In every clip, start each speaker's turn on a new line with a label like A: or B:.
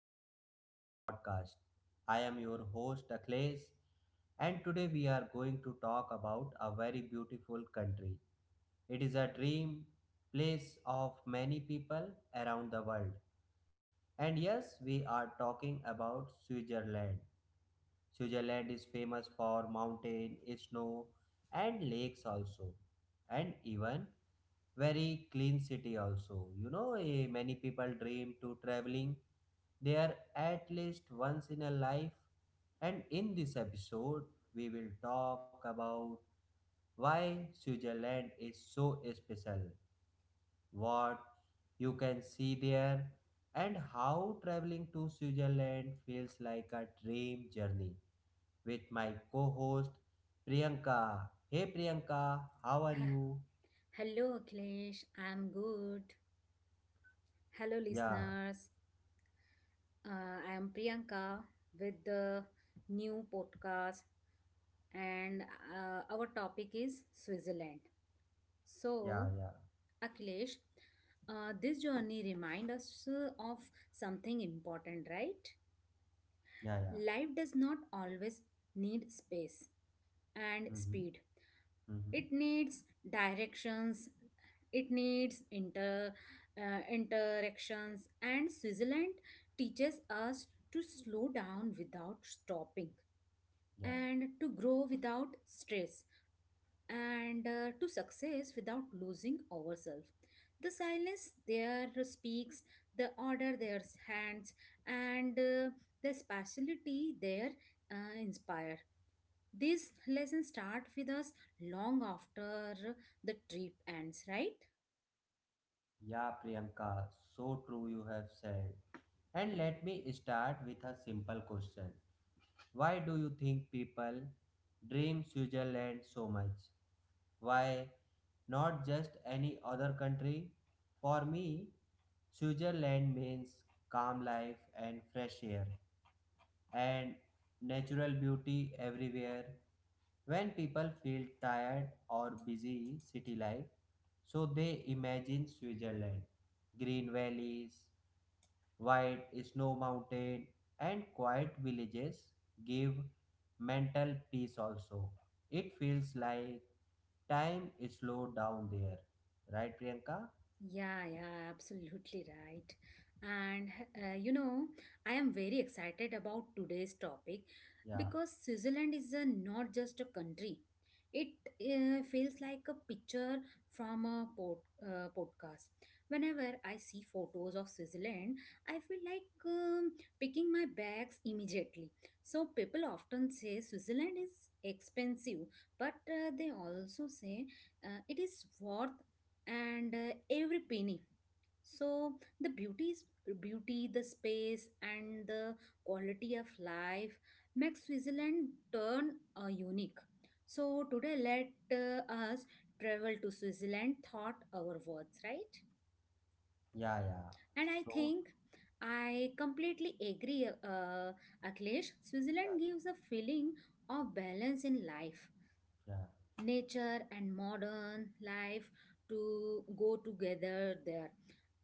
A: back to our podcast. I am your host, Akhilesh, and today we are going to talk about a very beautiful country. It is a dream place of many people around the world. And yes, we are talking about Switzerland. Switzerland is famous for mountain, snow, and lakes also, and even very clean city also. Many people dream to traveling there at least once in a life. And in this episode, we will talk about why Switzerland is so special, what you can see there, and how traveling to Switzerland feels like a dream journey with my co-host Priyanka. Hey Priyanka, how are
B: Ha-
A: you?
B: Hello, Akhilesh. I'm good. Hello,
A: Yeah,
B: listeners. I'm Priyanka with the new podcast, and our topic is Switzerland. So,
A: yeah, yeah,
B: Akhilesh, this journey reminds us of something important, right?
A: yeah.
B: Life does not always need space. And speed.
A: Mm-hmm, mm-hmm,
B: It needs directions, it needs interactions, and Switzerland teaches us to slow down without stopping
A: yeah.
B: and to grow without stress and to success without losing ourselves. The silence there speaks, the order there hands, and the speciality there inspire. These lessons start with us long after the trip ends, right?
A: Yeah, Priyanka, so true you have said. And let me start with a simple question. Why do you think people dream Switzerland so much? Why not just any other country? For me, Switzerland means calm life and fresh air and natural beauty everywhere. When people feel tired or busy city life, so they imagine Switzerland, green valleys, white snow mountain and quiet villages give mental peace also. It feels like time is slowed down there. Right, Priyanka?
B: Yeah, yeah, absolutely right. And you know, I am very excited about today's topic
A: Yeah,
B: because Switzerland is not just a country. It feels like a picture from a podcast. Whenever I see photos of Switzerland, I feel like picking my bags immediately. So people often say Switzerland is expensive, but they also say it is worth and every penny so the beauty is beauty the space and the quality of life makes switzerland turn unique so today let us travel to switzerland thought our words, right?
A: yeah.
B: And I
A: So,
B: think I completely agree, aklesh,
A: yeah,
B: switzerland gives a feeling of balance in life,
A: yeah,
B: nature and modern life to go together there,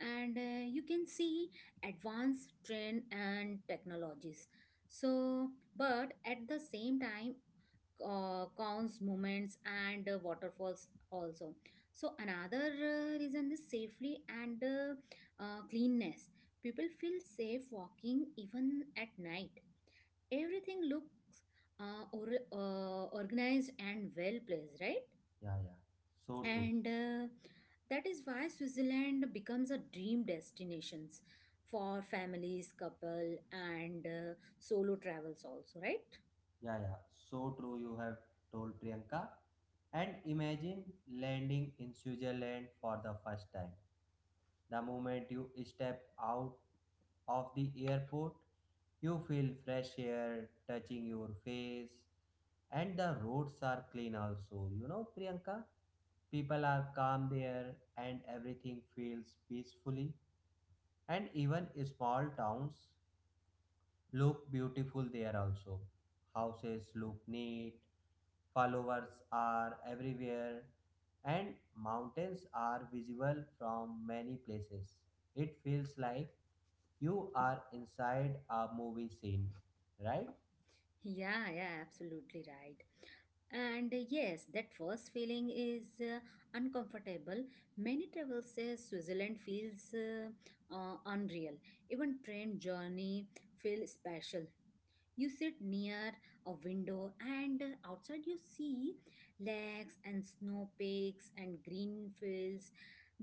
B: and you can see advanced trend and technologies so but at the same time counts movements and waterfalls also. So another reason is safely and cleanness. People feel safe walking even at night. Everything looks uh, or, organized and well placed, right?
A: yeah. so true.
B: And that is why switzerland becomes a dream destinations for families, couple and solo travels also, right?
A: Yeah, so true. You have told Priyanka. And imagine landing in Switzerland for the first time. The moment you step out of the airport, you feel fresh air touching your face, and the roads are clean also. You know, Priyanka, people are calm there, and everything feels peacefully. And even small towns look beautiful there also. Houses look neat, followers are everywhere, and mountains are visible from many places. It feels like you are inside a movie scene, right?
B: Yeah, yeah, absolutely right. And yes, that first feeling is uncomfortable. Many travelers say switzerland feels unreal. Even train journey feel special. You sit near a window, and outside you see lakes and snow peaks and green fields.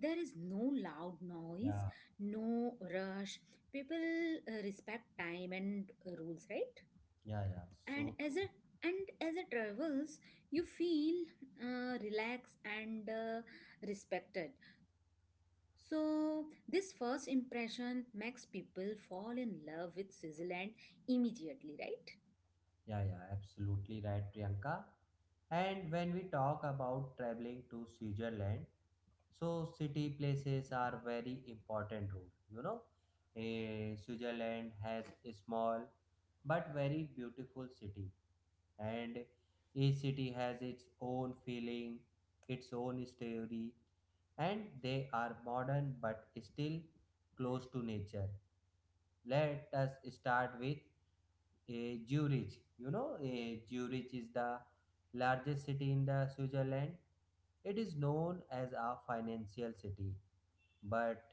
B: There is no loud noise,
A: Yeah,
B: no rush. People respect time and rules, right?
A: yeah,
B: And
A: so true.
B: as a and as it travels, you feel relaxed and respected. So this first impression makes people fall in love with Switzerland immediately, right?
A: Yeah, absolutely right, Priyanka. And when we talk about traveling to Switzerland, so city places are very important rule. Switzerland has a small but very beautiful city, and each city has its own feeling, its own story, and they are modern but still close to nature. Let us start with a Zurich. You know, a Zurich is the largest city in the Switzerland. It is known as a financial city, but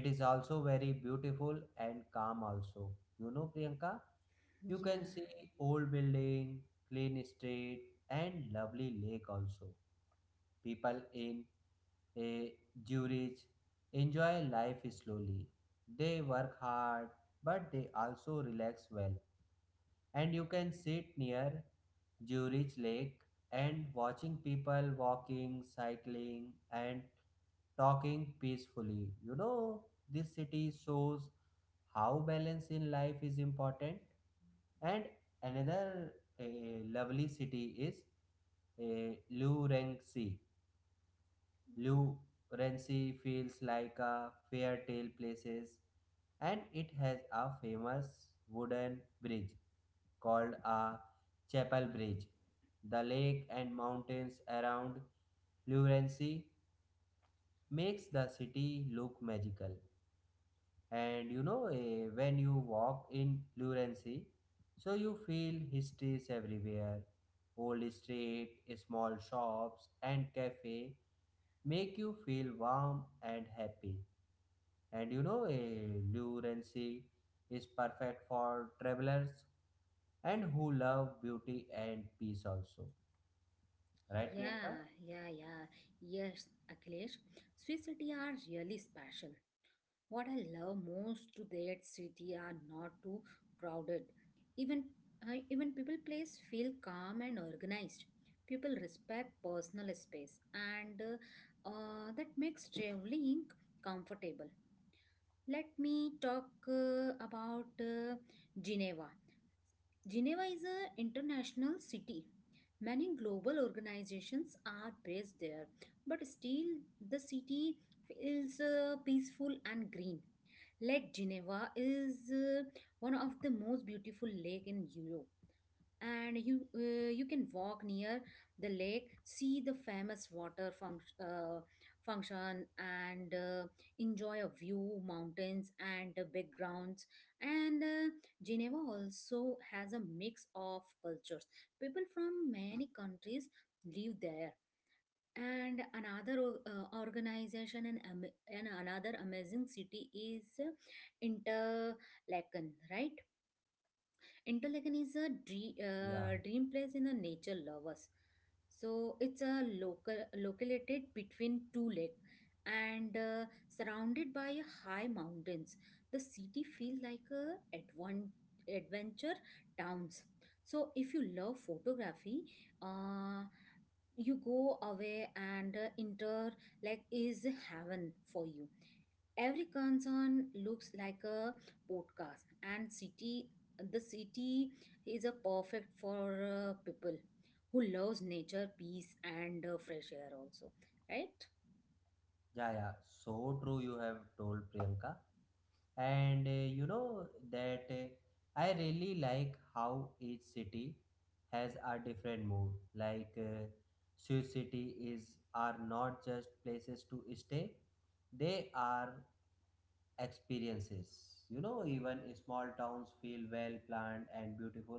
A: it is also very beautiful and calm also. You know, Priyanka, you can
B: Yeah.
A: see old building, clean street and lovely lake also. People in a Zurich enjoy life slowly. They work hard but they also relax well. And you can sit near Zurich Lake and watching people walking, cycling, and talking peacefully. You know, this city shows how balance in life is important, and another uh, lovely city is Lurenxi. Lurenxi feels like a fairy tale places, and it has a famous wooden bridge called a chapel bridge. The lake and mountains around Lurenxi makes the city look magical. And you know eh, When you walk in Lurency, so you feel histories everywhere, old street, small shops and cafe make you feel warm and happy. And you know eh, Lurency is perfect for travelers and who love beauty and peace also, right Priyanka?
B: Yeah, yeah, yeah. Yes, Akhilesh, Swiss city are really special. What I love most to that city are not too crowded. Even even people place feel calm and organized. People respect personal space, and that makes traveling comfortable. Let me talk about Geneva. Geneva is an international city. Many global organizations are based there, but still the city feels peaceful and green. Lake Geneva is one of the most beautiful lake in Europe, and you can walk near the lake, see the famous function and enjoy a view mountains and backgrounds, and geneva also has a mix of cultures. People from many countries live there, and organization and, and another amazing city is interlaken, right? Interlaken is a
A: yeah
B: dream place in the nature lovers. So it's a local located between two lakes and surrounded by high mountains. The city feels like a adventure towns. So if you love photography, uh, you go away and inter like is heaven for you. Every concern looks like a podcast and city. The city is a perfect for people who loves nature, peace and fresh air also, right?
A: yeah yeah so true. You have told Priyanka. And you know that I really like how each city has a different mood. Like Sioux city is are not just places to stay, they are experiences. You know, even small towns feel well planned and beautiful,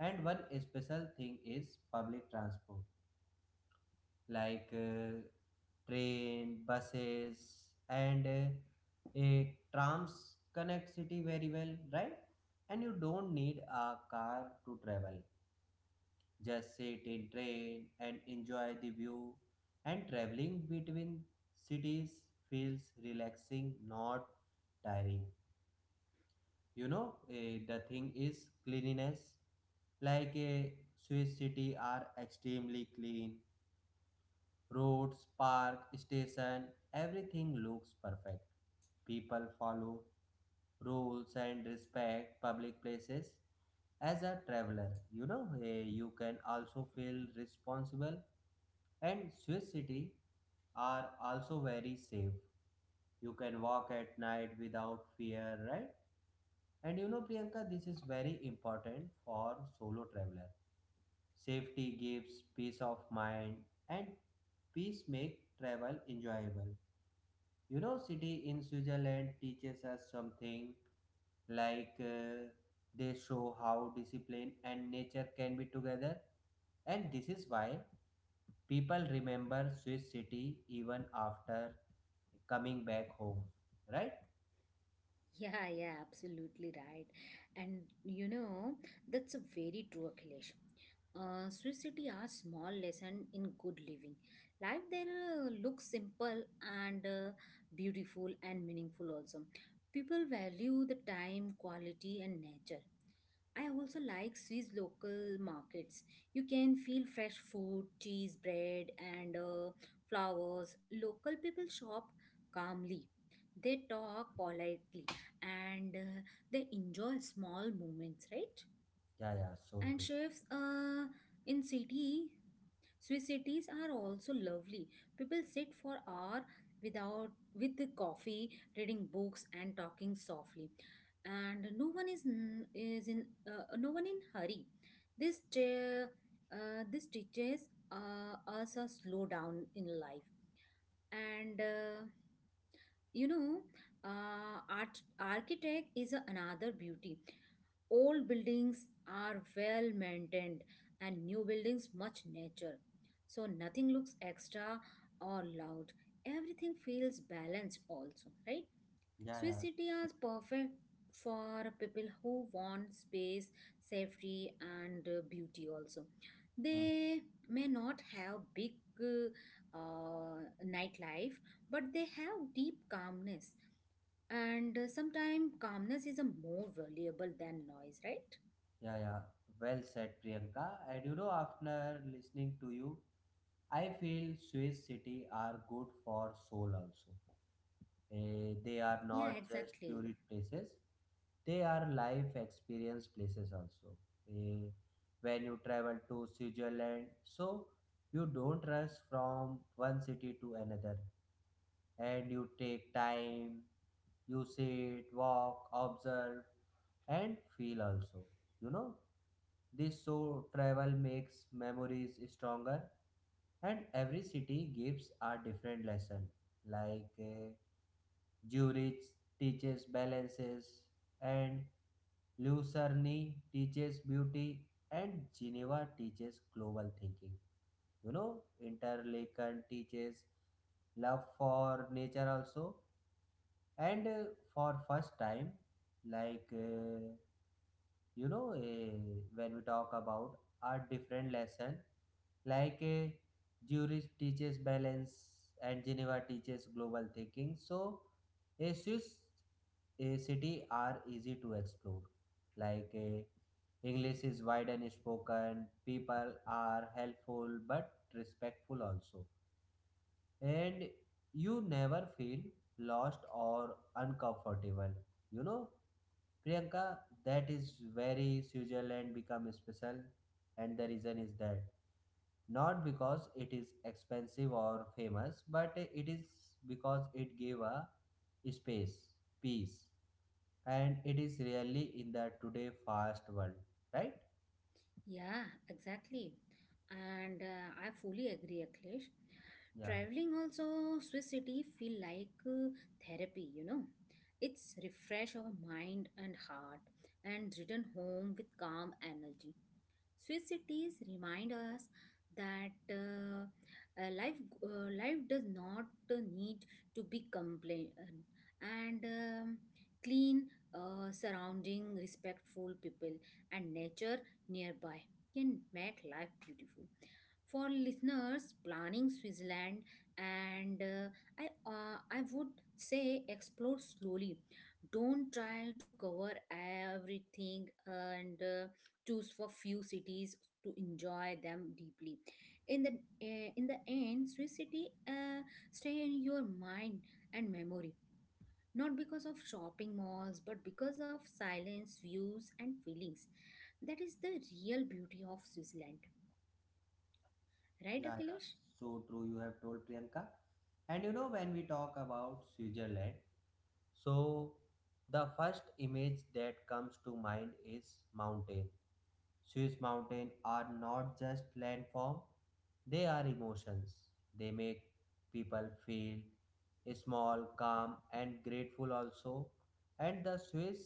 A: and one special thing is public transport, like train, buses, and a trams connect city very well, right? And you don't need a car to travel. Just sit in train and enjoy the view. And traveling between cities feels relaxing, not tiring. The thing is cleanliness. Like a Swiss city are extremely clean. Roads, park, station, everything looks perfect. People follow rules and respect public places. As a traveler, you can also feel responsible, and Swiss city are also very safe. You can walk at night without fear, right? And you know, Priyanka, this is very important for solo traveler. Safety gives peace of mind, and peace make travel enjoyable. You know, city in Switzerland teaches us something, like they show how discipline and nature can be together, and this is why people remember Swiss city even after coming back home, right?
B: Yeah, yeah, absolutely right. And you know, that's a very true, akhilesh. Swiss city are small lesson in good living. Life there looks simple and beautiful and meaningful also. People value the time, quality, and nature. I also like Swiss local markets. You can feel fresh food, cheese, bread, and flowers. Local people shop calmly. They talk politely and they enjoy small moments, right?
A: Yeah, so
B: And
A: true.
B: chefs in city, Swiss cities are also lovely. People sit for hours without with the coffee, reading books and talking softly. And no one is in no one in hurry. This te- this teaches us a slow down in life. And you know, art architect is another beauty. Old buildings are well maintained and new buildings much nature, so nothing looks extra or loud. Everything feels balanced also, right?
A: Yeah,
B: Swiss
A: yeah,
B: city
A: so
B: is perfect for people who want space, safety and beauty also.
A: hmm.
B: They may not have big uh, uh, nightlife, but they have deep calmness, and sometimes calmness is a more valuable than noise, right?
A: Yeah. Well said, Priyanka. And you know, after listening to you, I feel Swiss city are good for soul also. Eh, they are
B: Yeah,
A: not just
B: exactly.
A: tourist places, they are life experience places also. Eh, when you travel to Switzerland, so you don't rush from one city to another, and you take time, you sit walk observe and feel also. You know, this so travel makes memories stronger, and every city gives a different lesson, like Zurich teaches balances, and Lucerne teaches beauty, and Geneva teaches global thinking. You know, Interlaken teaches love for nature also. And for first time, like you know eh, when we talk about are different lesson, like eh, Zurich teaches balance and Geneva teaches global thinking. So a Swiss eh, city are easy to explore, like eh, English is wide and spoken, people are helpful but respectful also, and you never feel lost or uncomfortable. You know, Priyanka, that is very Switzerland become special, and the reason is that not because it is expensive or famous, but it is because it gave a space, peace, and it is really in the today fast world, right?
B: Yeah, exactly. And I fully agree, Akhilesh.
A: Yeah,
B: Traveling also Swiss city feel like therapy, you know. It's refresh our mind and heart and return home with calm energy. Swiss cities remind us that uh, life life does not need to be complain, and clean surrounding, respectful people, and nature nearby can make life beautiful. For listeners planning Switzerland, and I would say explore slowly. Don't try to cover everything and. Choose for few cities to enjoy them deeply. In the in the end, swiss city stay in your mind and memory, not because of shopping malls but because of silence views and feelings. That is the real beauty of switzerland, right
A: yeah.
B: akhilesh?
A: so true. You have told Priyanka, and you know when we talk about Switzerland, so the first image that comes to mind is mountain. Swiss mountains are not just landform, they are emotions. They make people feel small, calm, and grateful also. And the Swiss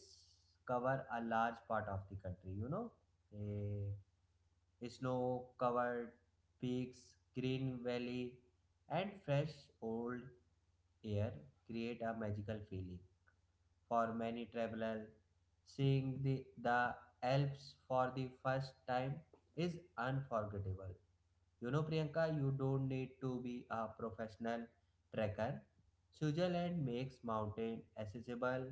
A: cover a large part of the country, you know. Eh, snow covered peaks, green valley, and fresh old air create a magical feeling for many travelers. Seeing the Alps for the first time is unforgettable. You know, Priyanka, you don't need to be a professional trekker. Switzerland makes mountain accessible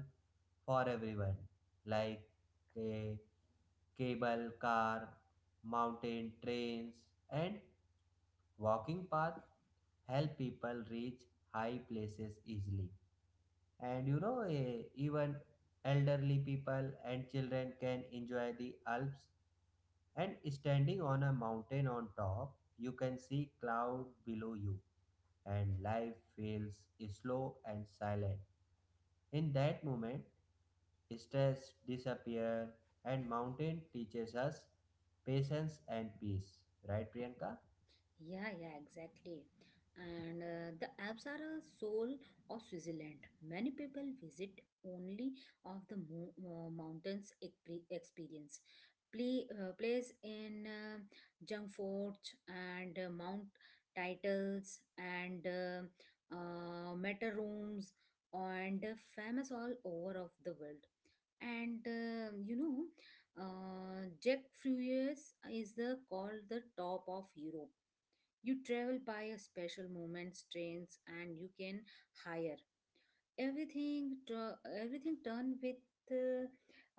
A: for everyone, like a cable car, mountain trains, and walking path help people reach high places easily. And you know eh, Even elderly people and children can enjoy the Alps, and standing on a mountain on top you can see cloud below you, and life feels slow and silent. In that moment stress disappears, and mountain teaches us patience and peace, right Priyanka?
B: Yeah, yeah, exactly. And the Alps are a soul of Switzerland. Many people visit only of the mountains experience. Place in Jungfort and Mount Titles and Materooms and famous all over of the world. And you know, Jack Fruiers is the called the top of Europe. You travel by a special moments trains and you can hire everything. Tr Everything done with uh,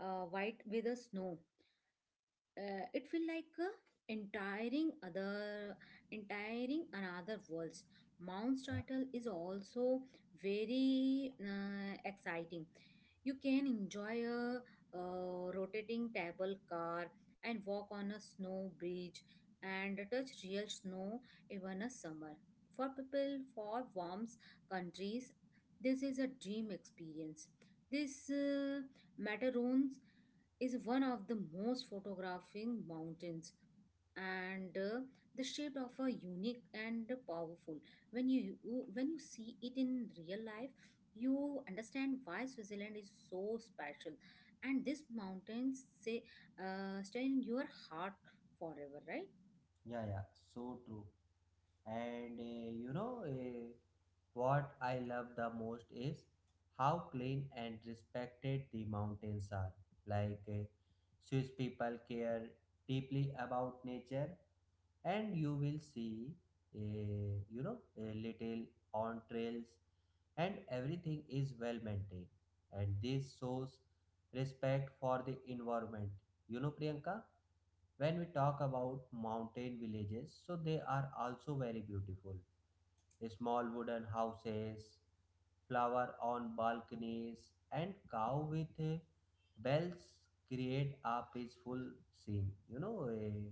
B: white with a snow. It feel like entiring other entiring another worlds. Mount
A: yeah
B: title is also very exciting. You can enjoy a rotating table car and walk on a snow bridge and touch real snow even a summer. For people for warm countries, this is a dream experience. This macaroons is one of the most photographing mountains, and the shape of a unique and powerful. when you when you see it in real life, you understand why switzerland is so special, and these mountains say stay in your heart forever, right?
A: yeah yeah so true. And you know what I love the most is how clean and respected the mountains are. Like eh, Swiss people care deeply about nature, and you will see, a little on trails, and everything is well maintained. And this shows respect for the environment. You know, Priyanka, when we talk about mountain villages, so they are also very beautiful, small wooden houses, flower on balconies, and cow with bells create a peaceful scene.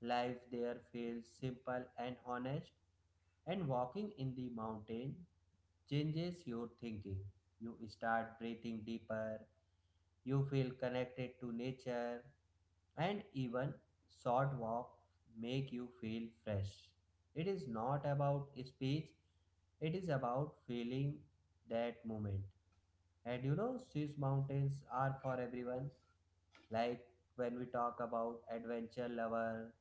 A: Life there feels simple and honest, and walking in the mountain changes your thinking. You start breathing deeper, you feel connected to nature, and even short walk make you feel fresh. It is not about speech, it is about feeling that moment. And you know, Swiss mountains are for everyone. Like when we talk about adventure lover,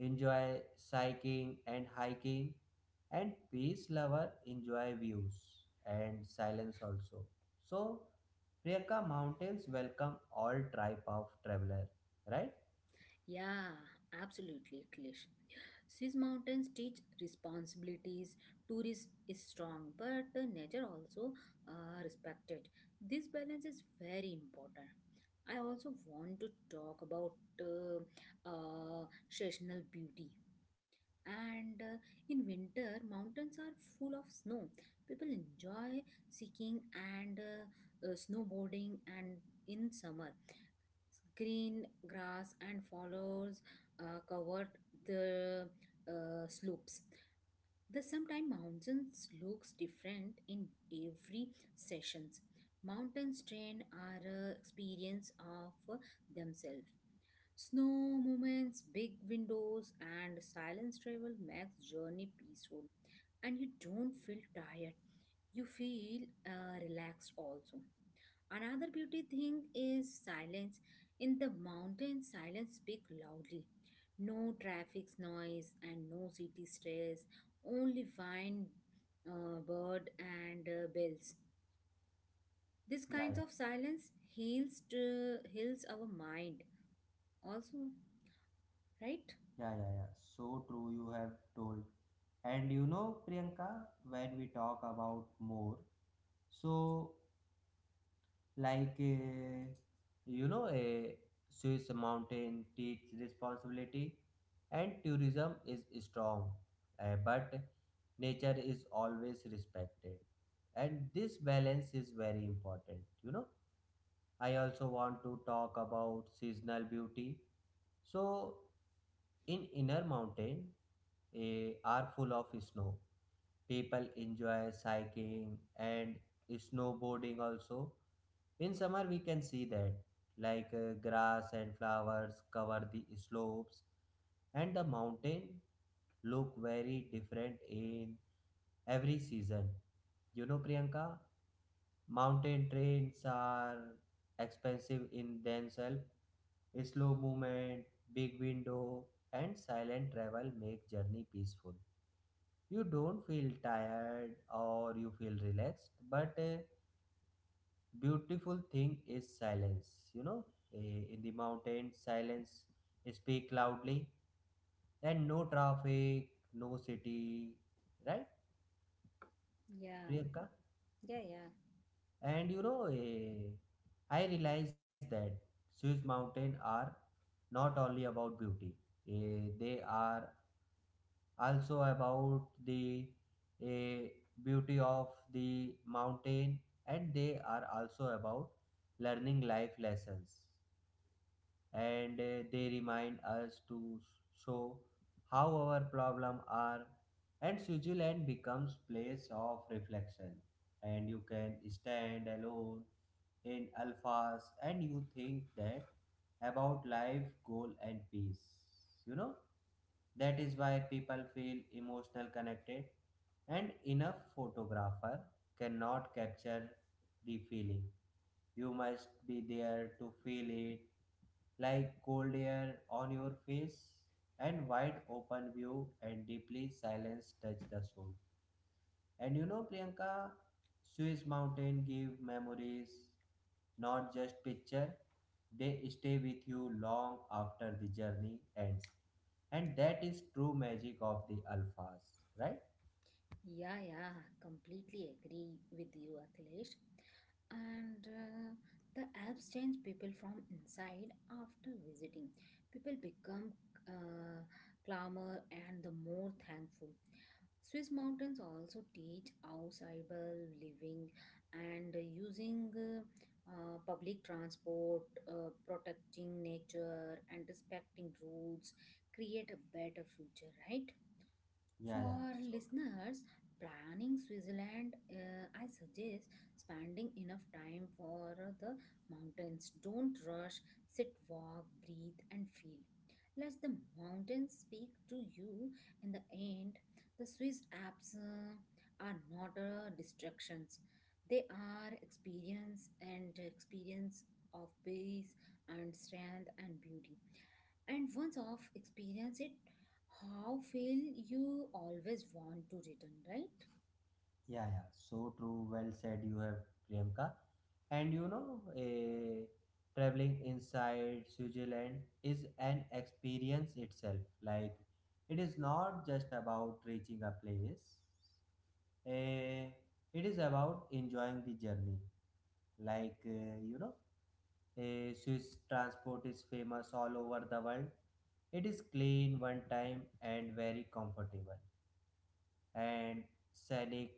A: enjoy cycling and hiking, and peace lover enjoy views and silence also. So, Priyanka, mountains welcome all type of traveler, right?
B: Yeah, absolutely klish. Swiss mountains teach responsibilities. Tourism is strong, but the nature also respected. This balance is very important. I also want to talk about uh, seasonal beauty. And in winter, mountains are full of snow. People enjoy skiing and snowboarding. And in summer, green grass and follows covered the slopes. The sometime mountains looks different in every sessions. Mountain strain are a experience of themselves. Snow movements, big windows, and silence travel makes journey peaceful, and you don't feel tired. You feel relaxed also. Another beauty thing is silence. In the mountains, silence speak loudly. No traffic noise and no city stress, only wind, bird and bells. This
A: Yeah,
B: kinds
A: yeah,
B: of silence heals our mind also, right?
A: yeah. so true, you have told. And you know, Priyanka, when we talk about more, so like you know a Swiss mountain takes responsibility and tourism is strong, but nature is always respected and this balance is very important. You know, I also want to talk about seasonal beauty. So in inner mountain eh, are full of snow, people enjoy cycling and snowboarding also. In summer, we can see that, like grass and flowers cover the slopes, and the mountain look very different in every season. You know, Priyanka, mountain trains are expensive in themselves. Slow movement, big window, and silent travel make journey peaceful. You don't feel tired or you feel relaxed, but beautiful thing is silence. You know, eh, in the mountains silence speak loudly, and no traffic, no city, right
B: Yeah.
A: Priyanka?
B: Yeah, yeah.
A: And you know eh, I realized that Swiss mountain are not only about beauty, eh, they are also about the eh, beauty of the mountain, and they are also about learning life lessons. And they remind us to show how our problem are, and Switzerland becomes place of reflection. And you can stand alone in alphas and you think that about life goal and peace. You know, that is why people feel emotional connected, and enough photographer cannot capture the feeling. You must be there to feel it, like cold air on your face, and wide open view and deeply silence touch the soul. And you know, Priyanka, Swiss mountain give memories, not just picture. They stay with you long after the journey ends. And that is true magic of the alphas, right?
B: Yeah, yeah, completely agree with you, Akhilesh. And the apps change people from inside after visiting. People become uh, calmer and the more thankful. Swiss mountains also teach outsidable living and using public transport, protecting nature, and respecting rules create a better future, right?
A: Yeah, yeah.
B: For
A: So
B: listeners planning Switzerland, I suggest spending enough time for the mountains. Don't rush, sit, walk, breathe, and feel. Let the mountains speak to you. In the end, the Swiss Alps are not distractions, they are experience and experience of peace and strength and beauty, and once off experience it how feel you always want to return, right?
A: Yeah, yeah, so true. Well said, you have Priyanka. And you know, traveling inside Switzerland is an experience itself. Like, it is not just about reaching a place. Eh, it is about enjoying the journey. Like, you know, Swiss transport is famous all over the world. It is clean, one time, and very comfortable and scenic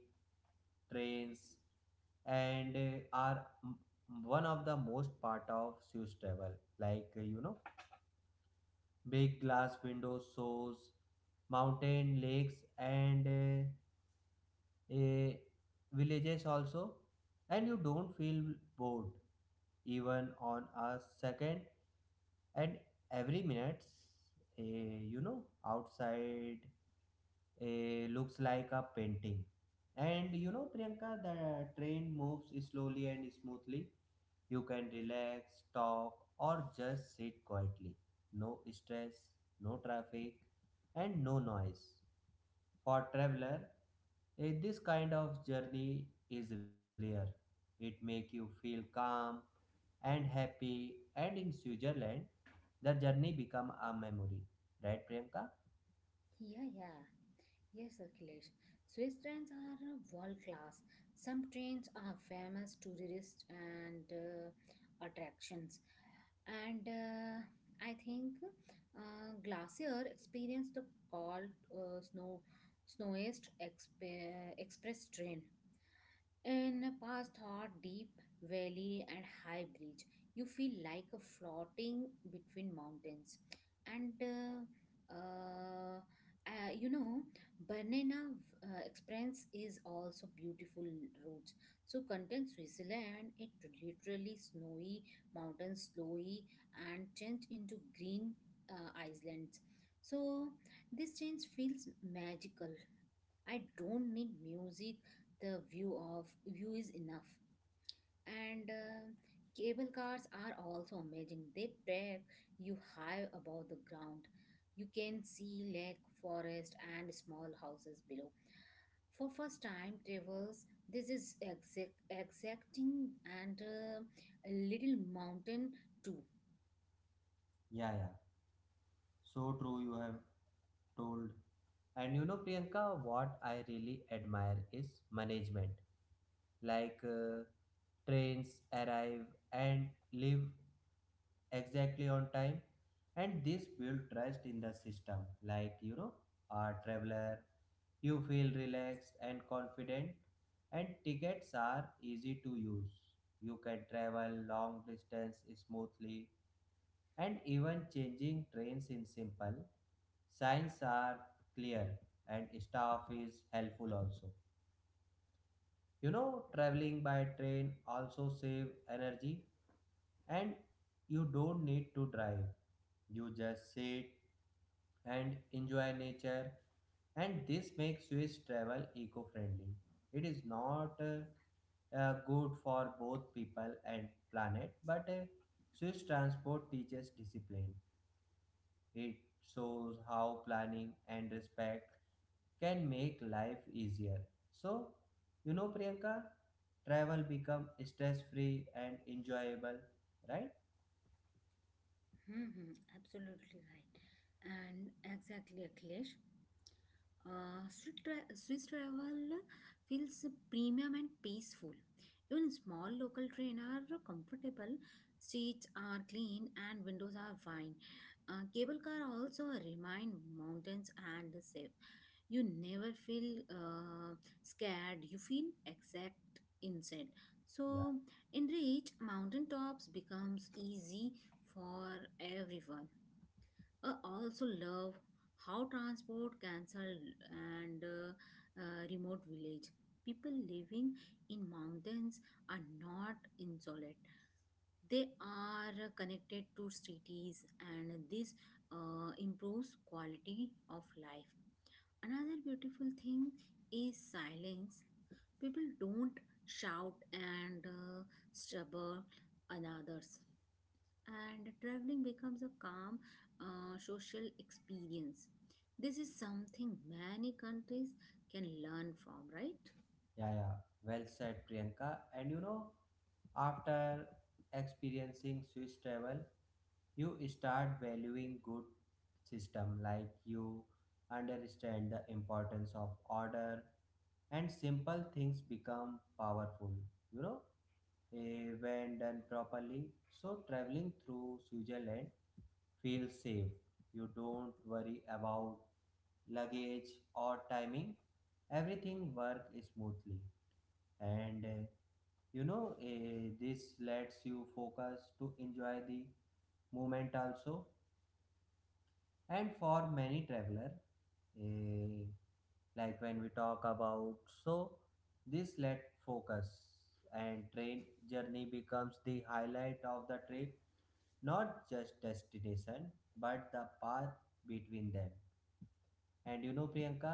A: trains and one of the most part of Swiss travel. Like you know, big glass windows shows mountain lakes and uh, uh, villages also, and you don't feel bored even on a second. And every minute, uh, you know, outside looks like a painting. And you know, Priyanka, the train moves slowly and smoothly. You can relax, talk, or just sit quietly. No stress, no traffic, and no noise. For traveler, this kind of journey is rare. It make you feel calm and happy, and in Switzerland, the journey become a memory. Right, Priyanka?
B: Yeah, yeah. Yes, Akhilesh. Swiss trains are world class. Some trains are famous tourist and attractions. And I think Glacier experienced the cold snowiest express train. In past hot, deep valley and high bridge, you feel like a floating between mountains. And you know, Banana experience is also beautiful routes. So contains Switzerland, it literally snowy mountains slowly and change into green islands. So this change feels magical. I don't need music. The view of view is enough. And cable cars are also amazing. They take you high above the ground. You can see lake, forest, and small houses below. For first time travels, this is exacting and a little mountain too.
A: Yeah, yeah. So true, you have told. And you know, Priyanka, what I really admire is management. Like trains arrive and leave exactly on time, and this build trust in the system. Like you know, a traveler, you feel relaxed and confident, and tickets are easy to use. You can travel long distance smoothly and even changing trains in simple signs are clear and staff is helpful also. You know, traveling by train also save energy, and you don't need to drive, you just sit and enjoy nature, and this makes swiss travel eco-friendly. It is not good for both people and planet, but swiss transport teaches discipline. It shows how planning and respect can make life easier. So, you know, Priyanka, travel become stress free and enjoyable, right?
B: Absolutely right. And exactly, Akhilesh. Swiss travel feels premium and peaceful. Even small local train are comfortable, streets are clean, and windows are fine. Cable car also remind mountains and safe. You never feel scared. You feel exact inside.
A: Yeah,
B: So in reach, mountain tops becomes easy for everyone. I also love how transport cancelled and remote village. People living in mountains are not insolate. They are connected to cities, and this improves quality of life. Another beautiful thing is silence. People don't shout and stubble another's, and traveling becomes a calm social experience. This is something many countries can learn from, right?
A: yeah, yeah. Well said, Priyanka. And you know, after experiencing Swiss travel, you start valuing good system, like you understand the importance of order and simple things become powerful, you know when done properly. So, traveling through Switzerland feels safe. You don't worry about luggage or timing. Everything works smoothly, and you know, this lets you focus to enjoy the moment also. And for many traveler, eh, like when we talk about, so this let focus and train journey becomes the highlight of the trip, not just destination but the path between them. And you know, Priyanka,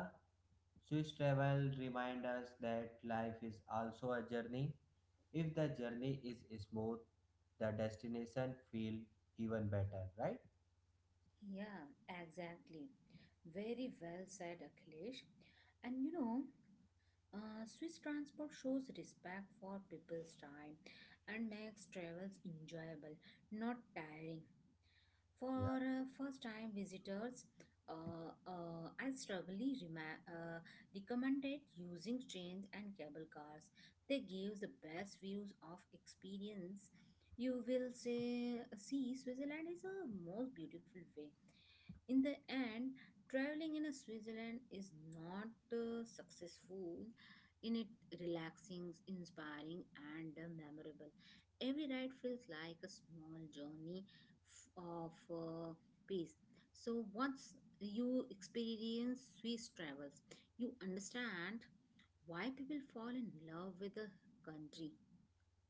A: swiss travel reminds us that life is also a journey. If the journey is smooth, the destination feel even better, right?
B: Yeah, exactly. Very well said, Akhilesh. And you know, Swiss transport shows respect for people's time and makes travels enjoyable, not tiring.
A: Yeah,
B: For first-time visitors, I strongly recommended using trains and cable cars. They give the best views of experience. You will say, see Switzerland is a most beautiful way. In the end, traveling in a switzerland is not successful in it, relaxing, inspiring and memorable. Every ride feels like a small journey of peace. So once you experience swiss travels, you understand why people fall in love with the country,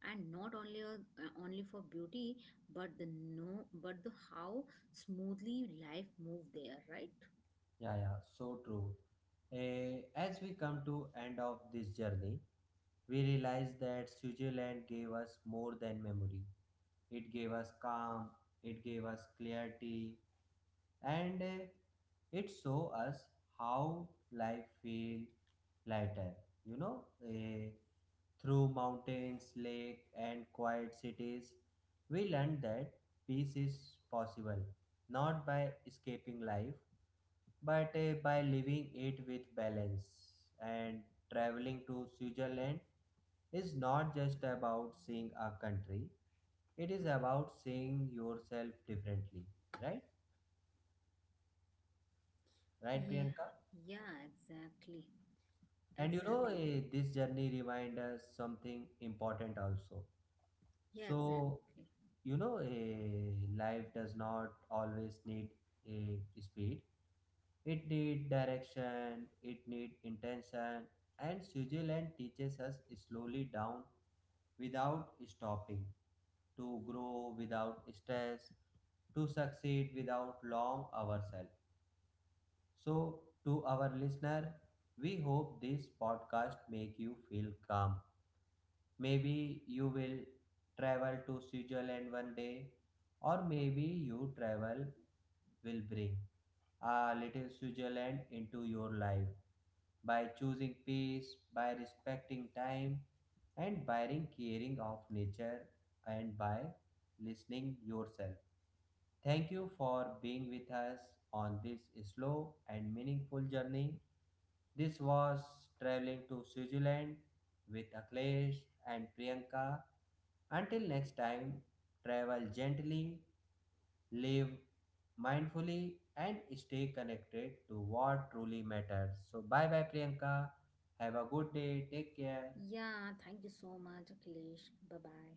B: and not only only for beauty but the no but the how smoothly life moved there, right?
A: yeah, yeah, so true. As we come to end of this journey, we realized that Switzerland gave us more than memory. It gave us calm, it gave us clarity, and it showed us how life feels lighter. You know, through mountains, lake, and quiet cities, we learned that peace is possible, not by escaping life but by living it with balance. And traveling to Switzerland is not just about seeing a country, it is about seeing yourself differently, right? Right,
B: Yeah,
A: Priyanka?
B: yeah, exactly.
A: And you know,
B: Exactly.
A: this journey reminds us something important also.
B: Yeah,
A: So,
B: exactly.
A: you know, life does not always need a speed. It need direction, it need intention, and Switzerland teaches us slowly down without stopping, to grow without stress, to succeed without long ourselves. So, to our listener, we hope this podcast make you feel calm. Maybe you will travel to Switzerland one day, or maybe you travel will bring a little Switzerland into your life by choosing peace, by respecting time, and by caring of nature, and by listening yourself. Thank you for being with us on this slow and meaningful journey. This was traveling to Switzerland with Aklesh and Priyanka. Until next time, travel gently, live mindfully, and stay connected to what truly matters. So, bye bye, Priyanka. Have a good day. Take care.
B: Yeah, thank you so much, akhilesh. Bye bye.